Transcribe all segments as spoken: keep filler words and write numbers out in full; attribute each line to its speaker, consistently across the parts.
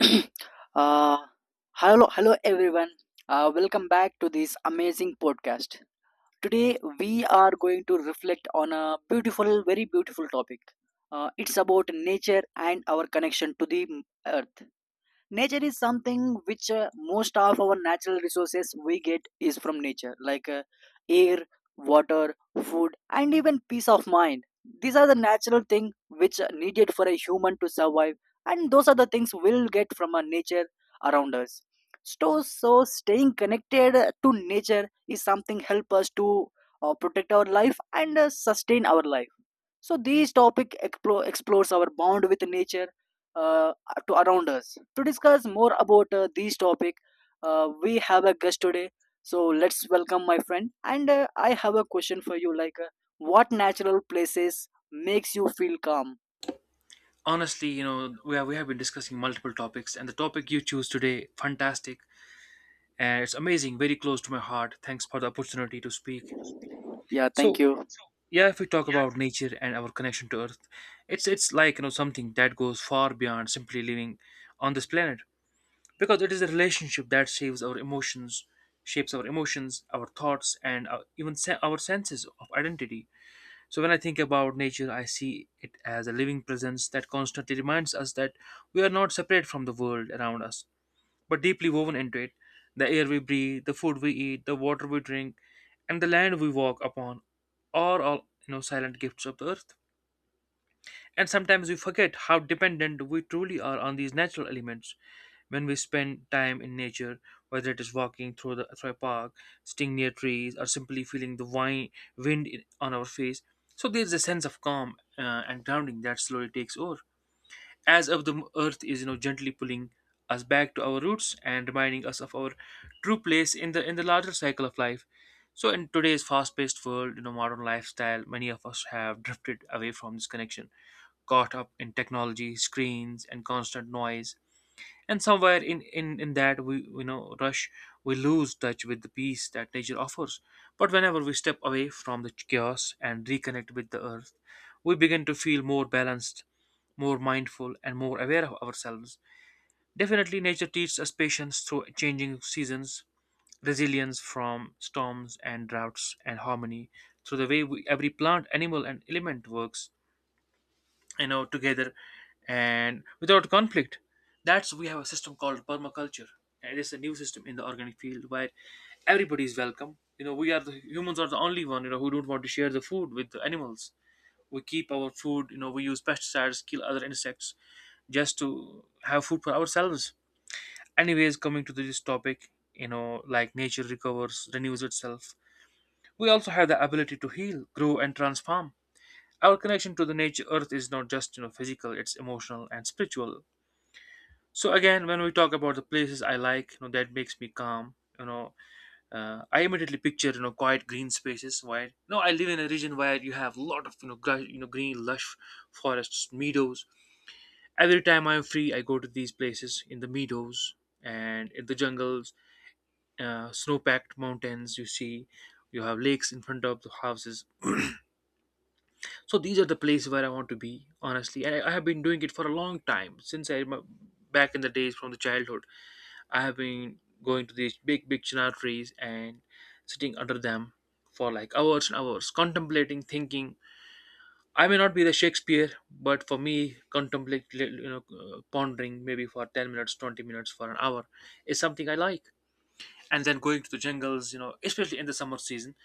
Speaker 1: uh, hello, hello everyone. Uh, welcome back to this amazing podcast. Today we are going to reflect on a beautiful, very beautiful topic. Uh, it's about nature and our connection to the earth. Nature is something which, uh, most of our natural resources we get is from nature, like uh, air, water, food and even peace of mind. These are the natural thing which are needed for a human to survive, and those are the things we'll get from our nature around us. So, so staying connected to nature is something help us to uh, protect our life and uh, sustain our life. So this topic explo- explores our bond with nature, uh, to around us. To discuss more about uh, this topic, uh, we have a guest today. So let's welcome my friend. And uh, I have a question for you, like, uh, what natural places makes you feel calm?
Speaker 2: Honestly, you know, we have, we have been discussing multiple topics, and the topic you choose today, fantastic. And it's amazing, very close to my heart. Thanks for the opportunity to speak.
Speaker 1: Yeah, thank
Speaker 2: So
Speaker 1: you.
Speaker 2: yeah, if we talk about nature and our connection to earth, it's it's like, you know, something that goes far beyond simply living on this planet, because it is a relationship that shapes our emotions, shapes our emotions our thoughts and our, even se- our senses of identity. So when I think about nature, I see it as a living presence that constantly reminds us that we are not separate from the world around us, but deeply woven into it. The air we breathe, the food we eat, the water we drink, and the land we walk upon are all, you know, silent gifts of the earth. And sometimes we forget how dependent we truly are on these natural elements. When we spend time in nature, whether it is walking through, the, through a park, sitting near trees, or simply feeling the wine, wind in, on our face, so there's a sense of calm uh, and grounding that slowly takes over, as if the earth is, you know, gently pulling us back to our roots and reminding us of our true place in the in the larger cycle of life. So in today's fast-paced world, you know, modern lifestyle, many of us have drifted away from this connection, caught up in technology, screens and constant noise. And somewhere in in in that we, you know, rush, we lose touch with the peace that nature offers. But whenever we step away from the chaos and reconnect with the earth, we begin to feel more balanced, more mindful, and more aware of ourselves. Definitely nature teaches us patience through changing seasons, resilience from storms and droughts, and harmony through the way we, every plant, animal and element works, you know, together and without conflict. That's, we have a system called permaculture, and it's a new system in the organic field where everybody is welcome. You know, we are the humans are the only one, you know, who don't want to share the food with the animals. We keep our food, you know, we use pesticides, kill other insects, just to have food for ourselves. Anyways, coming to this topic, you know, like, nature recovers, renews itself. We also have the ability to heal, grow and transform. Our connection to the nature, earth, is not just, you know, physical, it's emotional and spiritual. So again, when we talk about the places I like, you know that makes me calm. You know, uh, I immediately picture, you know, quiet green spaces. Where, you know, I live in a region where you have a lot of, you know, gr- you know, green lush forests, meadows. Every time I'm free, I go to these places in the meadows and in the jungles, uh, snow-packed mountains. You see, you have lakes in front of the houses. So these are the places where I want to be, honestly. And i, I have been doing it for a long time since i remem- back in the days, from the childhood. I have been going to these big big chinar trees and sitting under them for like hours and hours, contemplating, thinking. I may not be the Shakespeare, but for me contemplate, you know, uh, pondering maybe for ten minutes, twenty minutes, for an hour, is something I like. And then going to the jungles, you know, especially in the summer season,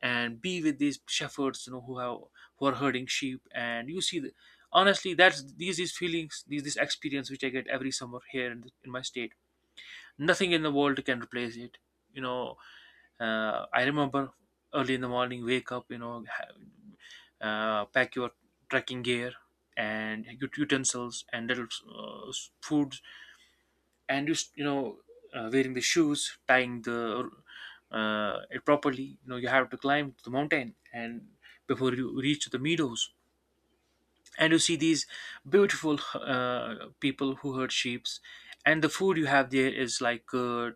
Speaker 2: and be with these shepherds, you know, who have who are herding sheep. And you see the, honestly, that's these these feelings, these this experience which I get every summer here in, the, in my state, nothing in the world can replace it, you know. Uh, I remember early in the morning, wake up, you know, ha- uh, pack your trekking gear and ut- utensils, and little uh, food, and just, you know, uh, wearing the shoes, tying the, uh, it properly, you know. You have to climb the mountain, and before you reach the meadows, and you see these beautiful uh, people who herd sheep. And the food you have there is like curd,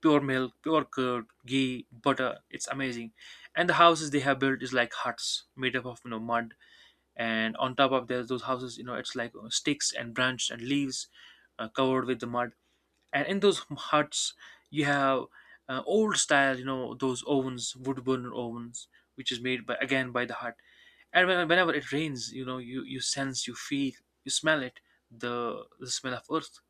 Speaker 2: pure milk, pure curd, ghee, butter. It's amazing. And the houses they have built is like huts made up of, you know, mud, and on top of there's those houses, you know, it's like, uh, sticks and branches and leaves, uh, covered with the mud. And in those huts you have, uh, old style, you know, those ovens, wood burner ovens, which is made by, again, by the hut. And when, whenever it rains, you know, you you sense, you feel, you smell it, the the smell of earth.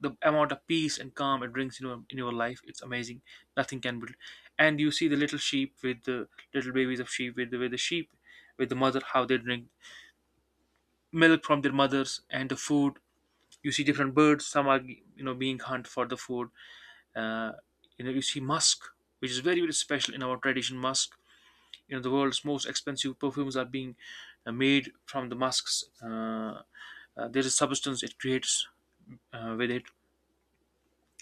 Speaker 2: The amount of peace and calm it brings, you know, in your life, it's amazing. Nothing can be. And you see the little sheep with the little babies of sheep, with the, with the sheep, with the mother, how they drink milk from their mothers, and the food. You see different birds, some are, you know, being hunted for the food. Uh, you know, you see musk, which is very very special in our tradition. Musk, you know, the world's most expensive perfumes are being, uh, made from the musks. Uh, uh, there is substance it creates, uh, with it.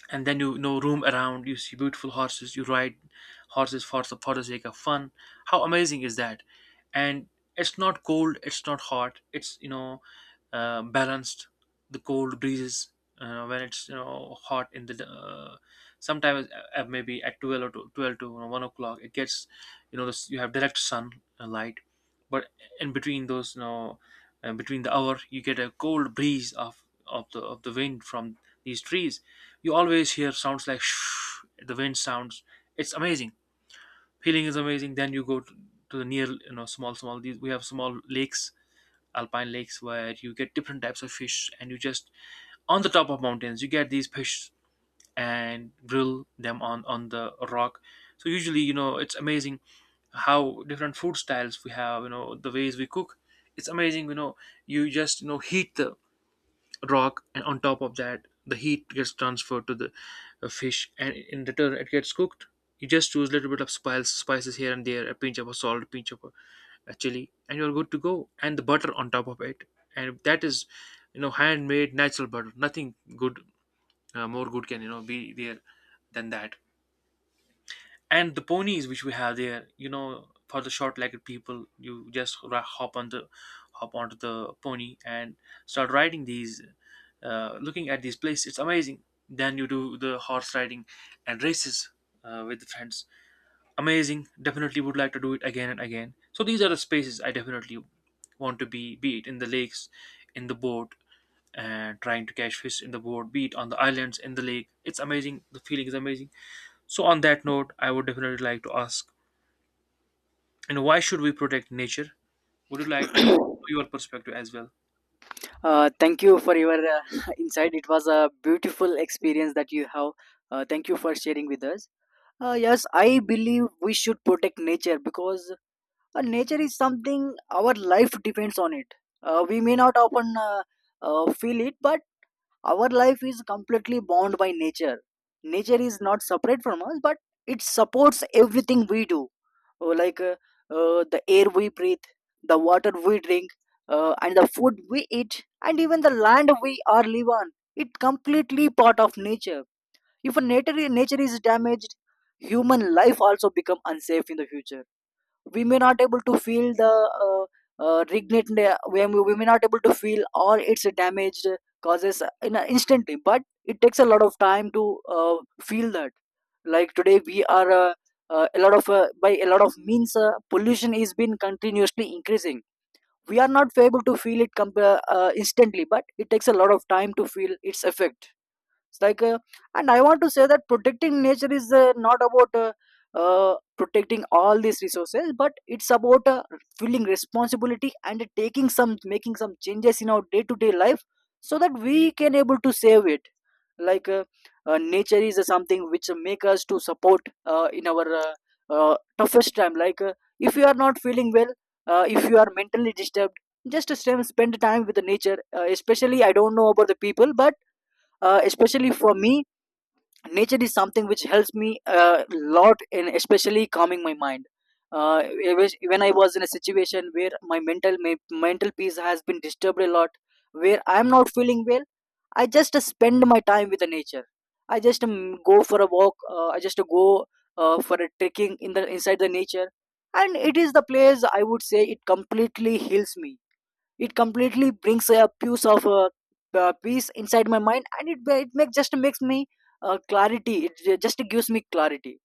Speaker 2: And then, you know, roam around, you see beautiful horses, you ride horses for the for the sake of fun. How amazing is that? And it's not cold, it's not hot, it's, you know, uh, balanced. The cold breezes, uh, when it's, you know, hot in the, uh, sometimes, uh, uh, maybe at twelve, or to, twelve to, you know, one o'clock, it gets, you know, this, you have direct sun, uh, light. But in between those, you know, uh, between the hour, you get a cold breeze of of the of the wind from these trees. You always hear sounds like shh, the wind sounds. It's amazing. Feeling is amazing. Then you go to, to the near, you know, small, small. These, we have small lakes, alpine lakes, where you get different types of fish. And you just, on the top of mountains, you get these fish and grill them on on the rock. So usually, you know, it's amazing how different food styles we have. You know, the ways we cook. It's amazing. You know, you just, you know, heat the rock, and on top of that, the heat gets transferred to the, uh, fish, and in return it gets cooked. You just use a little bit of spice spices here and there, a pinch of a salt, a pinch of a, a chili, and you're good to go. And the butter on top of it, and that is, you know, handmade natural butter. Nothing good, uh, more good can, you know, be there than that. And the ponies which we have there, you know, for the short-legged people, you just ra- hop on the, hop onto the pony, and start riding these, uh, looking at these places, it's amazing. Then you do the horse riding and races, uh, with the friends. Amazing. Definitely would like to do it again and again. So these are the spaces I definitely want to be be it in the lakes, in the boat, and trying to catch fish in the boat, be it on the islands in the lake. It's amazing. The feeling is amazing. So on that note, I would definitely like to ask, you know, why should we protect nature? Would you like, I would know your perspective as well.
Speaker 1: uh, Thank you for your uh, insight. It was a beautiful experience that you have. Uh, thank you for sharing with us. Uh, yes, I believe we should protect nature because Uh, nature is something our life depends on it. Uh, we may not often uh, uh, feel it, but our life is completely bound by nature. Nature is not separate from us, but it supports everything we do. Oh, like uh, uh, the air we breathe, the water we drink, uh, and the food we eat, and even the land we are live on. It completely part of nature. If a nature nature is damaged, human life also become unsafe in the future. We may not able to feel the uh, uh, regret. We, we may not able to feel all its damaged causes in a instantly, but it takes a lot of time to uh, feel that. Like today we are, uh, uh, a lot of, uh, by a lot of means, uh, pollution is been continuously increasing. We are not able to feel it comp- uh, uh, instantly, but it takes a lot of time to feel its effect. It's like uh, and I want to say that protecting nature is, uh, not about uh, uh, protecting all these resources, but it's about uh, feeling responsibility and taking some making some changes in our day to day life so that we can able to save it. Like uh, uh, nature is uh, something which make us to support uh, in our uh, uh, toughest time. Like uh, if you are not feeling well, uh, if you are mentally disturbed, just to spend spend time with the nature. Uh, especially, I don't know about the people, but uh, especially for me, nature is something which helps me a lot in especially calming my mind. uh, it was- when I was in a situation where my mental my mental peace has been disturbed a lot, where I am not feeling well, I just uh, spend my time with the nature. I just um, go for a walk. uh, I just go uh, for a trekking in the inside the nature, and it is the place, I would say, it completely heals me. It completely brings a piece of uh, uh, peace inside my mind, and it it make, just makes me uh, clarity. It just gives me clarity.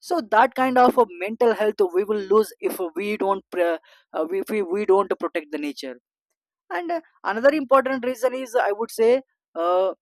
Speaker 1: So that kind of a mental health we will lose if we don't pre- uh, if we, we don't protect the nature. And uh, another important reason is, I would say, uh,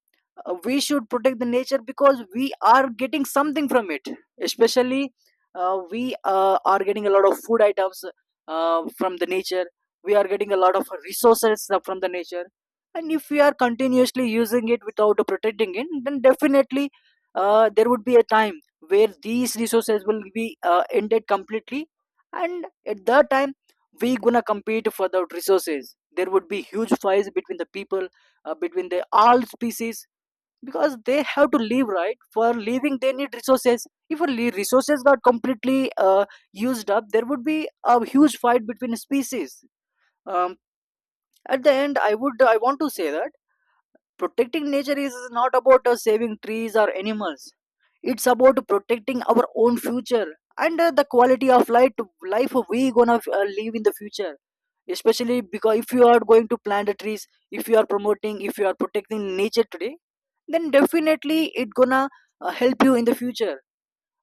Speaker 1: uh, we should protect the nature because we are getting something from it. Especially, uh, we uh, are getting a lot of food items uh, from the nature. We are getting a lot of resources from the nature. And if we are continuously using it without protecting it, then definitely uh, there would be a time where these resources will be uh, ended completely. And at that time, we gonna compete for the resources. There would be huge fights between the people, uh, between the all species, because they have to live, right? For living they need resources. If a le- resources got completely uh, used up, there would be a huge fight between species. um, at the end I would I want to say that protecting nature is not about uh, saving trees or animals. It's about protecting our own future and uh, the quality of life life we gonna uh, live in the future. Especially because if you are going to plant the trees, if you are promoting, if you are protecting nature today, then definitely it gonna uh, help you in the future.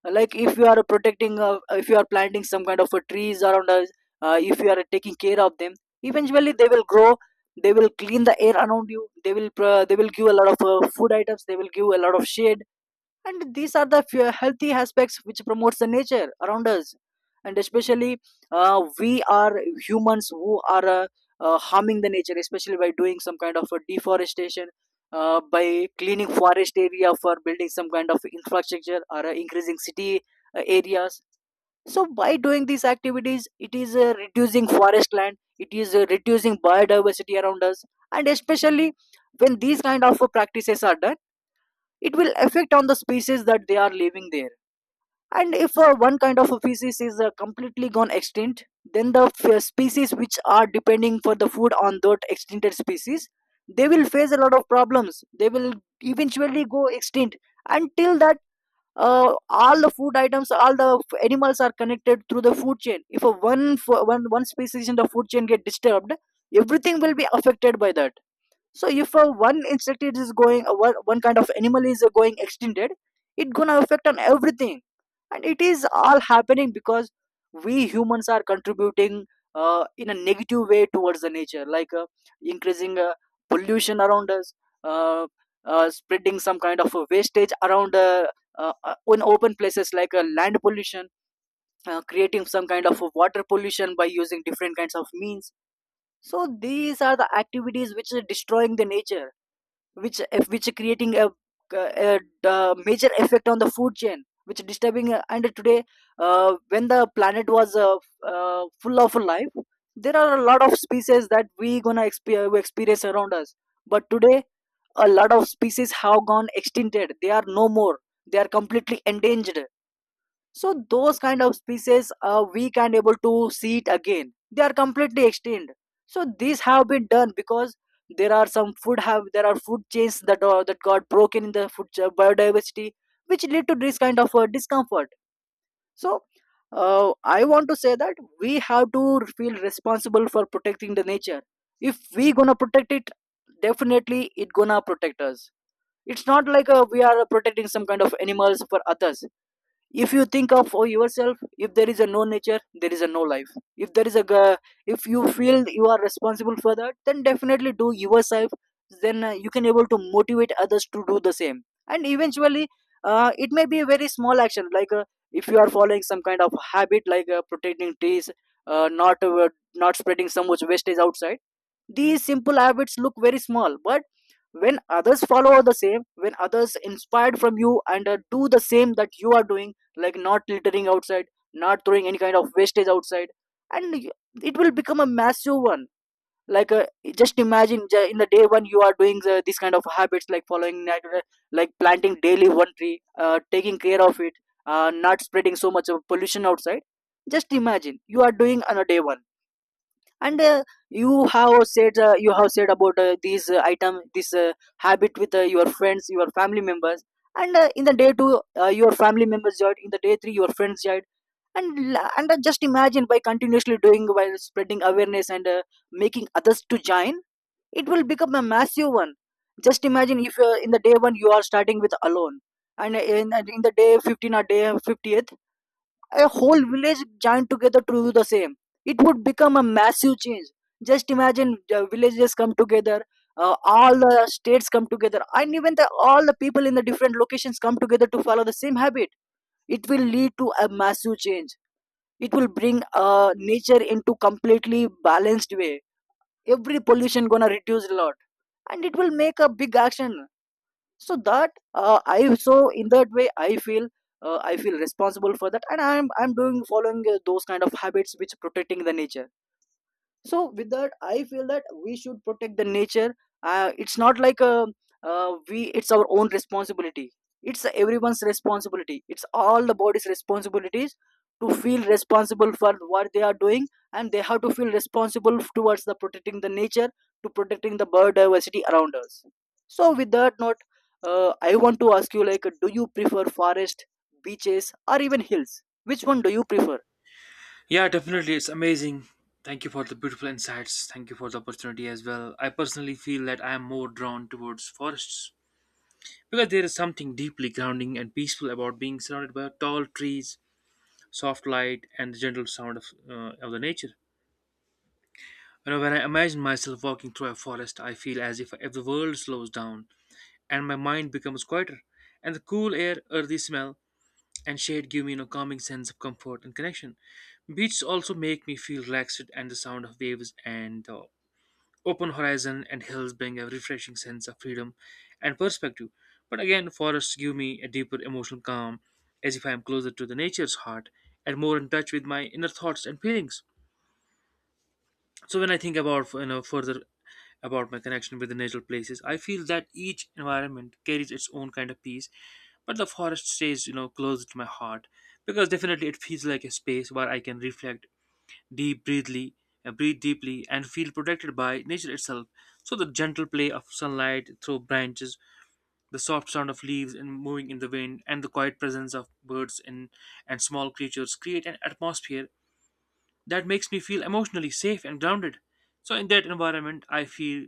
Speaker 1: Like if you are protecting, uh, if you are planting some kind of uh, trees around us, uh, if you are taking care of them, eventually they will grow, they will clean the air around you, they will pro- they will give a lot of uh, food items, they will give a lot of shade. And these are the fe- healthy aspects which promotes the nature around us. And especially, uh, we are humans who are uh, uh, harming the nature, especially by doing some kind of uh, deforestation, uh, by cleaning forest area for building some kind of infrastructure or uh, increasing city uh, areas. So by doing these activities, it is uh, reducing forest land, it is uh, reducing biodiversity around us. And especially when these kind of uh, practices are done, it will affect on the species that they are living there. And if uh, one kind of a species is uh, completely gone extinct, then the f- uh, species which are depending for the food on that extincted species, they will face a lot of problems, they will eventually go extinct. Until that, uh, all the food items, all the f- animals are connected through the food chain. If a one, f- one one species in the food chain get disturbed, everything will be affected by that. So if uh, one insect is going, uh, one, one kind of animal is uh, going extincted, it gonna affect on everything. And it is all happening because we humans are contributing uh, in a negative way towards the nature, like uh, increasing uh, pollution around us, uh, uh, spreading some kind of uh, wastage around, uh, uh, uh, in open places, like uh, land pollution, uh, creating some kind of uh, water pollution by using different kinds of means. So these are the activities which are destroying the nature, which uh, which creating a, a, a major effect on the food chain, which disturbing uh, and today, uh, when the planet was uh, uh, full of life, there are a lot of species that we gonna exp- we experience around us. But today a lot of species have gone extincted, they are no more, they are completely endangered. So those kind of species, uh, we can't able to see it again. They are completely extinct. So these have been done because there are some food have there are food chains that are, that got broken in the food cha- biodiversity, which lead to this kind of uh, discomfort. So uh, I want to say that we have to feel responsible for protecting the nature. If we gonna protect it, definitely it gonna protect us. It's not like uh, we are protecting some kind of animals for others. If you think of uh, yourself, if there is a no nature, there is a no life. If there is a g- If you feel you are responsible for that, then definitely do yourself, then uh, you can able to motivate others to do the same. And eventually, uh, it may be a very small action, like uh, if you are following some kind of habit, like uh, protecting trees, uh, not uh, not spreading so much wastage outside. These simple habits look very small, but when others follow the same, when others inspired from you and uh, do the same that you are doing, like not littering outside, not throwing any kind of wastage outside, and y- it will become a massive one. Like uh, just imagine ju- in the day one you are doing the, this kind of habits, like following natural, like planting daily one tree, uh, taking care of it, uh, not spreading so much of pollution outside. Just imagine you are doing on a day one. And uh, you have said uh, you have said about uh, these uh, item this uh, habit with uh, your friends, your family members. And uh, in the day two, uh, your family members joined, in the day three your friends joined. And la- and uh, Just imagine by continuously doing while spreading awareness and uh, making others to join, it will become a massive one. Just imagine if uh, in the day one you are starting with alone, and uh, in, uh, in the day fifteen or day fiftieth a whole Village joined together to do the same. It would become a massive change. Just imagine the villages come together, uh, all the states come together, and even the, all the people in the different locations come together to follow the same habit. It will lead to a massive change. It will bring uh, nature into completely balanced way. Every pollution gonna reduce a lot, and it will make a big action. So that uh, i so in that way I feel uh, I feel responsible for that, and i'm i'm doing following uh, those kind of habits which protecting the nature. So with that I feel that we should protect the nature. Uh, it's not like uh, uh, we it's our own responsibility. It's everyone's responsibility, it's all the body's responsibilities to feel responsible for what they are doing, and they have to feel responsible towards the protecting the nature, to protecting the biodiversity around us. So with that note, uh, I want to ask you, like, do you prefer forest, beaches, or even hills? Which one do you prefer?
Speaker 2: Yeah, definitely, it's amazing. Thank you for the beautiful insights, thank you for the opportunity as well. I personally feel that I am more drawn towards forests, because there is something deeply grounding and peaceful about being surrounded by tall trees, soft light, and the gentle sound of, uh, of the nature. You know, when I imagine myself walking through a forest, I feel as if, if the world slows down and my mind becomes quieter. And the cool air, earthy smell, and shade give me a calming sense of comfort and connection. Beaches also make me feel relaxed, and the sound of waves and the open horizon and hills bring a refreshing sense of freedom and perspective. But again, forests give me a deeper emotional calm, as if I am closer to the nature's heart and more in touch with my inner thoughts and feelings. So when I think about you know further about my connection with the natural places, I feel that each environment carries its own kind of peace, but the forest stays you know close to my heart because definitely it feels like a space where I can reflect deep breathly uh, breathe deeply and feel protected by nature itself. So the gentle play of sunlight through branches, the soft sound of leaves and moving in the wind, and the quiet presence of birds and, and small creatures create an atmosphere that makes me feel emotionally safe and grounded. So in that environment I feel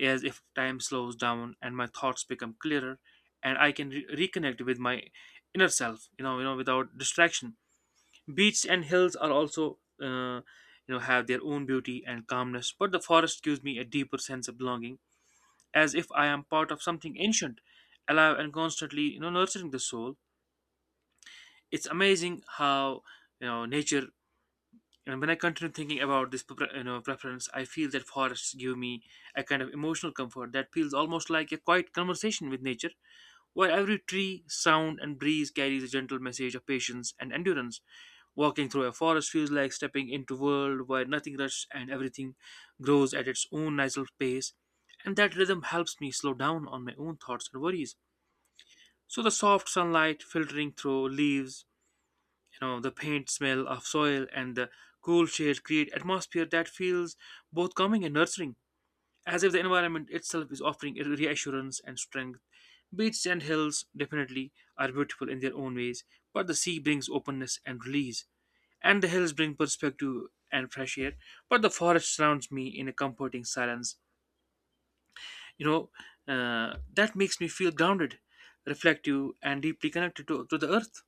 Speaker 2: as if time slows down and my thoughts become clearer, and I can re- reconnect with my inner self you know you know without distraction. Beaches and hills are also, uh, you know, have their own beauty and calmness, but the forest gives me a deeper sense of belonging, as if I am part of something ancient, alive and constantly, you know, nurturing the soul. It's amazing how, you know, nature. And when I continue thinking about this pre- you know, preference, I feel that forests give me a kind of emotional comfort that feels almost like a quiet conversation with nature, where every tree, sound, and breeze carries a gentle message of patience and endurance. Walking through a forest feels like stepping into a world where nothing rushes and everything grows at its own natural pace, and that rhythm helps me slow down on my own thoughts and worries. So the soft sunlight filtering through leaves, you know the paint smell of soil, and the cool shade create atmosphere that feels both calming and nurturing, as if the environment itself is offering a reassurance and strength. Beaches and hills definitely are beautiful in their own ways, but the sea brings openness and release, and the hills bring perspective and fresh air. But the forest surrounds me in a comforting silence, you know uh, that makes me feel grounded, reflective, and deeply connected to, to the earth.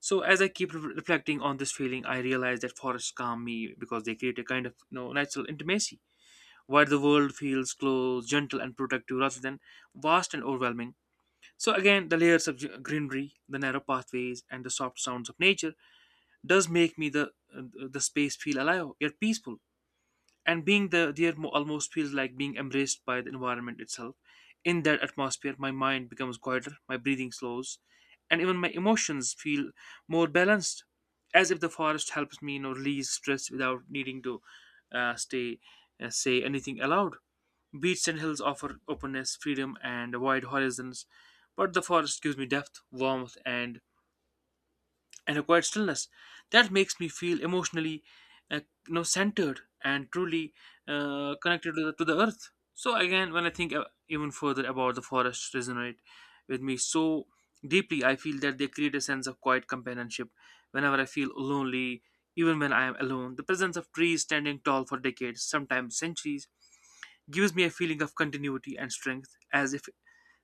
Speaker 2: So as I keep re- reflecting on this feeling, I realize that forests calm me because they create a kind of you know, natural intimacy, where the world feels close, gentle, and protective rather than vast and overwhelming. So again, the layers of g- greenery, the narrow pathways, and the soft sounds of nature does make me the uh, the space feel alive yet peaceful, and being the there mo- almost feels like being embraced by the environment itself. In that atmosphere my mind becomes quieter, my breathing slows, and even my emotions feel more balanced, as if the forest helps me you know release stress without needing to uh, stay uh, say anything aloud. Beaches and hills offer openness, freedom, and wide horizons, but the forest gives me depth, warmth, and and a quiet stillness that makes me feel emotionally uh, you know centered and truly uh, connected to the, to the earth. So again, when I think uh, even further about the forest resonate with me so deeply, I feel that they create a sense of quiet companionship. Whenever I feel lonely, even when I am alone, the presence of trees standing tall for decades, sometimes centuries, gives me a feeling of continuity and strength, as if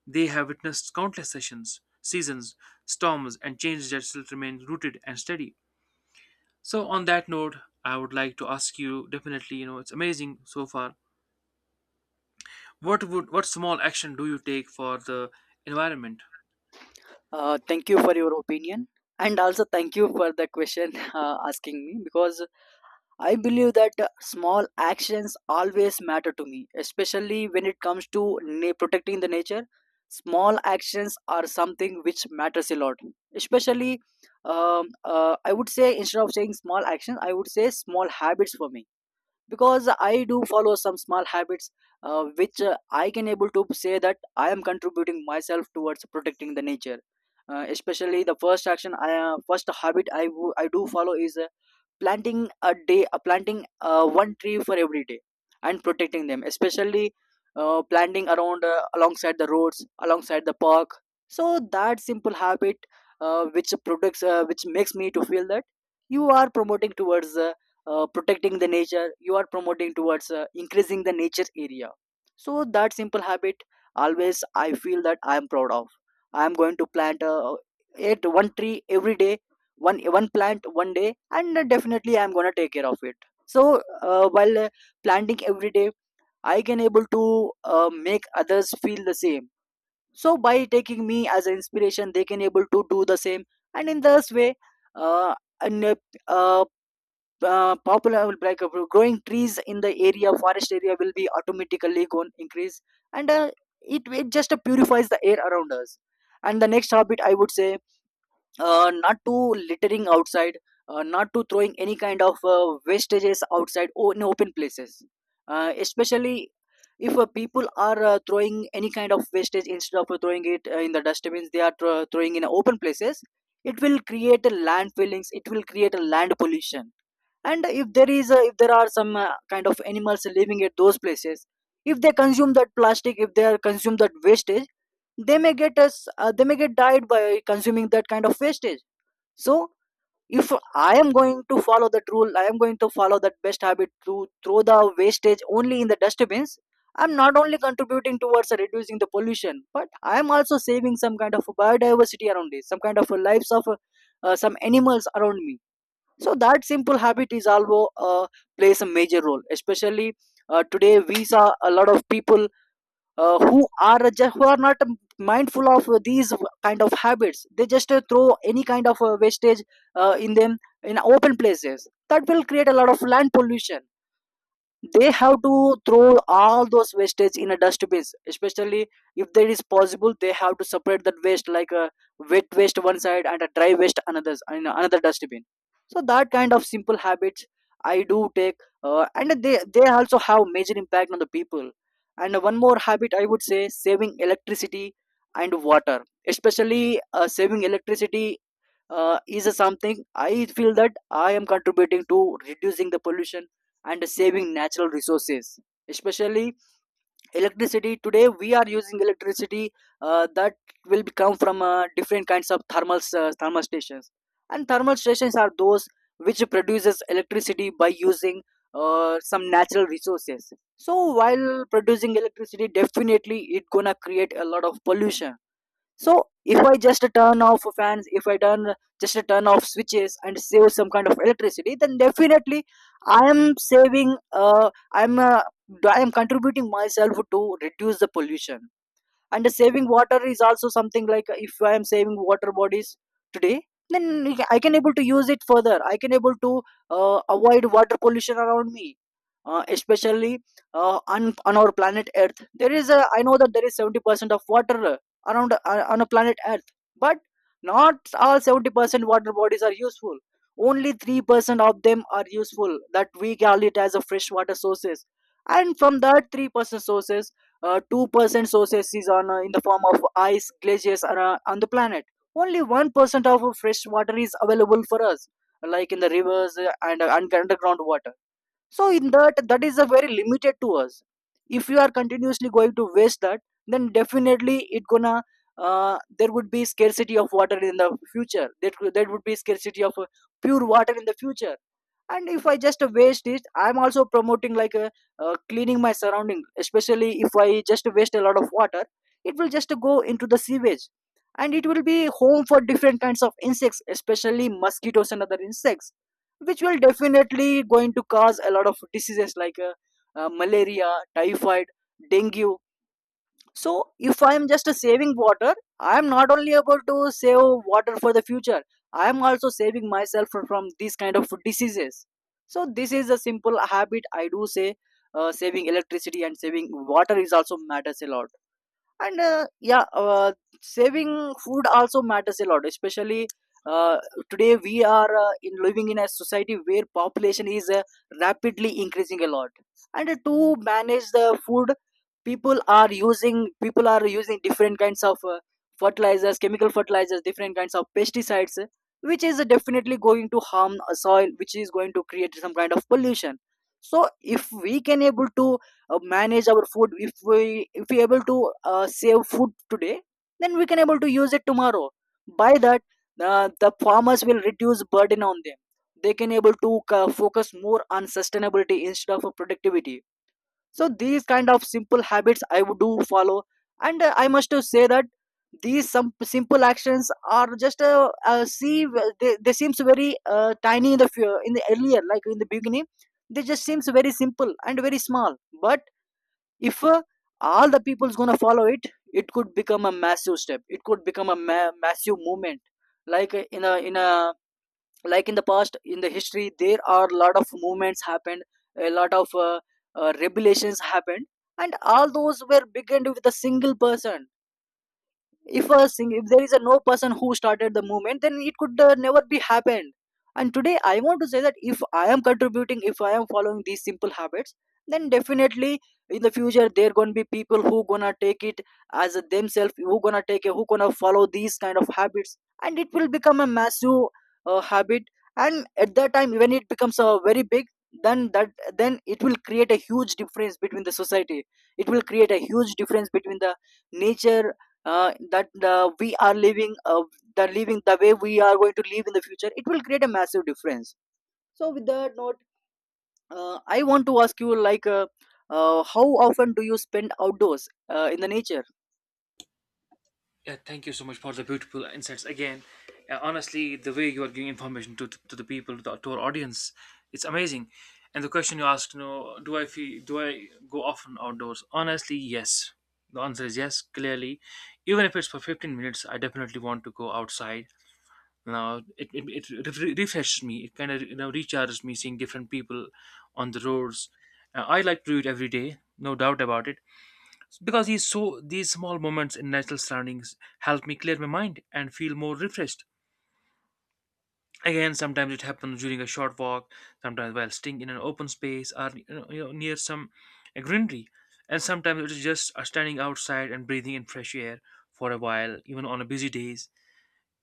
Speaker 2: they have witnessed countless sessions, seasons, storms, and changes that still remain rooted and steady. So on that note, I would like to ask you definitely, you know, it's amazing so far. What would what small action do you take for the environment?
Speaker 1: Uh, thank you for your opinion. And also, thank you for the question, uh, asking me, because I believe that uh, small actions always matter to me, especially when it comes to na- protecting the nature. Small actions are something which matters a lot. Especially, um, uh, I would say instead of saying small actions, I would say small habits for me, because I do follow some small habits uh, which uh, I can able to say that I am contributing myself towards protecting the nature. Uh, especially the first action I uh, first habit I wo- I do follow is uh, planting a day uh, planting uh, one tree for every day and protecting them, especially uh, planting around uh, alongside the roads, alongside the park. So that simple habit, uh, which protects uh, which makes me to feel that you are promoting towards uh, uh, protecting the nature, you are promoting towards uh, increasing the nature area. So that simple habit, always I feel that I am proud of. I am going to plant uh, at one tree every day. One one plant one day, and definitely I'm gonna take care of it. So uh, while uh, planting every day, I can able to uh, make others feel the same, so by taking me as an inspiration they can able to do the same. And in this way, uh, and, uh, uh, uh, popular like uh, growing trees in the area, forest area, will be automatically going increase. And uh, it, it just uh, purifies the air around us. And the next habit I would say, uh, not to littering outside, uh, not to throwing any kind of uh, wastages outside or in open places. Uh, especially if uh, people are uh, throwing any kind of wastage, instead of uh, throwing it uh, in the dustbins, they are thro- throwing in open places. It will create a land fillings, it will create a land pollution. And if there is a, if there are some uh, kind of animals living at those places, if they consume that plastic, if they are consume that wastage, they may get us uh, they may get died by consuming that kind of wastage. So if I am going to follow that rule, I am going to follow that best habit to throw the wastage only in the dustbins, I'm not only contributing towards reducing the pollution, but I am also saving some kind of biodiversity around me, some kind of lives of uh, some animals around me. So that simple habit is also uh, plays a major role, especially uh, today we saw a lot of people uh, who are just who are not mindful of these kind of habits. They just uh, throw any kind of uh, wastage uh, in them in open places. That will create a lot of land pollution. They have to throw all those wastage in a dustbin. Especially, if there is possible, they have to separate that waste, like a wet waste one side and a dry waste another in another dustbin. So that kind of simple habits I do take, uh, and they they also have major impact on the people. And one more habit I would say, saving electricity and water. Especially uh, saving electricity uh, is something I feel that I am contributing to reducing the pollution and saving natural resources. Especially electricity. Today we are using electricity, uh, that will be come from uh, different kinds of thermal uh, thermal stations, and thermal stations are those which produces electricity by using uh, some natural resources. So while producing electricity, definitely it gonna create a lot of pollution. So if I just turn off fans, if I turn just turn off switches and save some kind of electricity, then definitely I am saving uh, i'm uh, I am contributing myself to reduce the pollution. And saving water is also something, like uh, if I am saving water bodies today, then I can able to use it further, I can able to uh, avoid water pollution around me. Uh, especially uh, on on our planet earth, there is a I know that there is seventy percent of water around uh, on a planet earth. But not all seventy percent water bodies are useful, only three percent of them are useful, that we call it as a freshwater sources. And from that three percent sources, uh, two percent sources is on uh, in the form of ice glaciers are, uh, on the planet. Only one percent of fresh water is available for us, like in the rivers uh, and uh, and underground water. So in that, that is a very limited to us. If you are continuously going to waste that, then definitely it gonna uh, there would be scarcity of water in the future, there, could- there would be scarcity of uh, pure water in the future. And if I just waste it, I'm also promoting like a uh, cleaning my surrounding. Especially if I just waste a lot of water, it will just go into the sewage, and it will be home for different kinds of insects, especially mosquitoes and other insects, which will definitely going to cause a lot of diseases like uh, uh, malaria, typhoid, dengue. So if I am just saving water, I am not only able to save water for the future, I am also saving myself fro- from these kind of diseases. So this is a simple habit I do say. Uh, saving electricity and saving water is also matters a lot. And uh, yeah uh, Saving food also matters a lot. Especially uh, today we are uh, in living in a society where population is uh, rapidly increasing a lot. And uh, to manage the food, people are using people are using different kinds of uh, fertilizers, chemical fertilizers, different kinds of pesticides, uh, which is definitely going to harm a soil, which is going to create some kind of pollution. So if we can able to uh, manage our food, if we if we able to uh, save food today, then we can able to use it tomorrow. By that, uh, the farmers will reduce burden on them, they can able to uh, focus more on sustainability instead of uh, productivity. So these kind of simple habits I would do follow. And uh, I must to say that these some simple actions are just uh, uh, see well, they, they seems very uh, tiny in the fu- in the earlier, like in the beginning. They just seems very simple and very small, but if uh, all the people's gonna follow it, it could become a massive step, it could become a ma- massive movement. Like uh, in a in a like in the past, in the history, there are a lot of movements happened, a lot of uh, uh, revelations happened, and all those were began with a single person. If a sing if there is a no person who started the movement, then it could uh, never be happened. And today I want to say that if I am contributing, if I am following these simple habits, then definitely in the future there gonna be people who gonna take it as a themselves, who gonna take it, who gonna follow these kind of habits, and it will become a massive uh, habit. And at that time when it becomes a very big, then that, then it will create a huge difference between the society, it will create a huge difference between the nature uh, that uh, we are living. Uh, the living the way we are going to live in the future, it will create a massive difference. So with that note, uh, I want to ask you, like, uh, uh, how often do you spend outdoors uh, in the nature?
Speaker 2: Yeah, thank you so much for the beautiful insights again. Uh, honestly, the way you are giving information to, to, the people, to, to our audience, it's amazing. And the question you asked, you know, do I feel, do I go often outdoors? Honestly, yes. The answer is yes, clearly. Even if it's for fifteen minutes, I definitely want to go outside. Now, it, it, it re- refreshes me. It kind of, you know, recharges me seeing different people on the roads. Uh, I like to do it every day, no doubt about it. Because he saw these small moments in natural surroundings help me clear my mind and feel more refreshed. Again, sometimes it happens during a short walk, sometimes while sitting in an open space or you know, you know, near some a greenery, and sometimes it is just uh, standing outside and breathing in fresh air for a while, even on a busy days.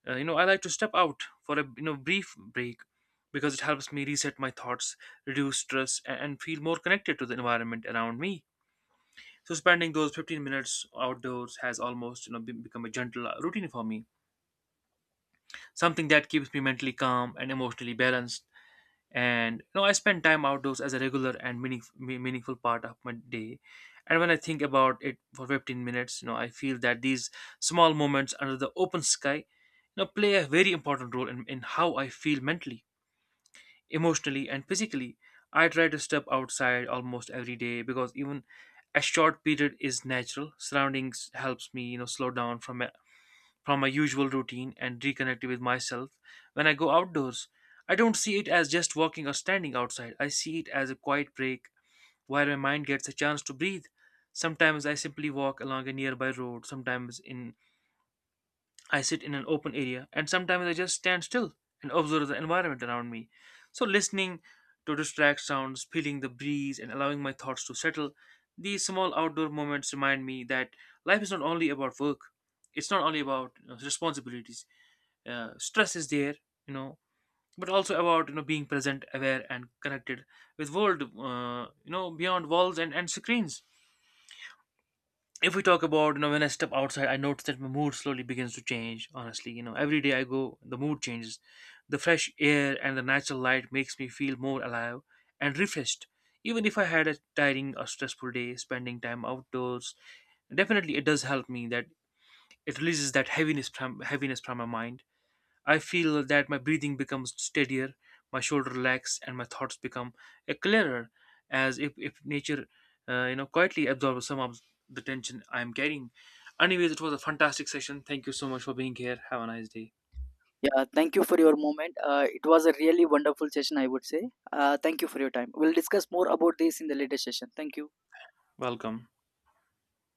Speaker 2: Uh, you know, I like to step out for a you know brief break because it helps me reset my thoughts, reduce stress, a- and feel more connected to the environment around me. So spending those fifteen minutes outdoors has almost you know be- become a gentle uh, routine for me, something that keeps me mentally calm and emotionally balanced. And you know I spend time outdoors as a regular and meaning, me- meaningful part of my day. And when I think about it for fifteen minutes, you know I feel that these small moments under the open sky, you know, play a very important role in, in how I feel mentally, emotionally, and physically. I try to step outside almost every day because even a short period is natural. Surroundings helps me, you know, slow down from my, from my usual routine and reconnect with myself. When I go outdoors, I don't see it as just walking or standing outside. I see it as a quiet break where my mind gets a chance to breathe. Sometimes I simply walk along a nearby road, sometimes in I sit in an open area, and sometimes I just stand still and observe the environment around me. So, listening to distract sounds, feeling the breeze, and allowing my thoughts to settle, these small outdoor moments remind me that life is not only about work, it's not only about you know, responsibilities. Uh, stress is there, you know, but also about you know being present, aware, and connected with world, uh, you know, beyond walls and, and screens. If we talk about you know, when I step outside I notice that my mood slowly begins to change, honestly, you know, every day I go the mood changes. The fresh air and the natural light makes me feel more alive and refreshed. Even if I had a tiring or stressful day, spending time outdoors, definitely it does help me that it releases that heaviness from heaviness from my mind. I feel that my breathing becomes steadier, my shoulder relax, and my thoughts become uh, clearer, as if, if nature, uh, you know, quietly absorbs some of the tension I am carrying. Anyways, it was a fantastic session. Thank you so much for being here. Have a nice day.
Speaker 1: Yeah, thank you for your moment. Uh, it was a really wonderful session, I would say. Uh, thank you for your time. We'll discuss more about this in the later session. Thank you.
Speaker 2: Welcome.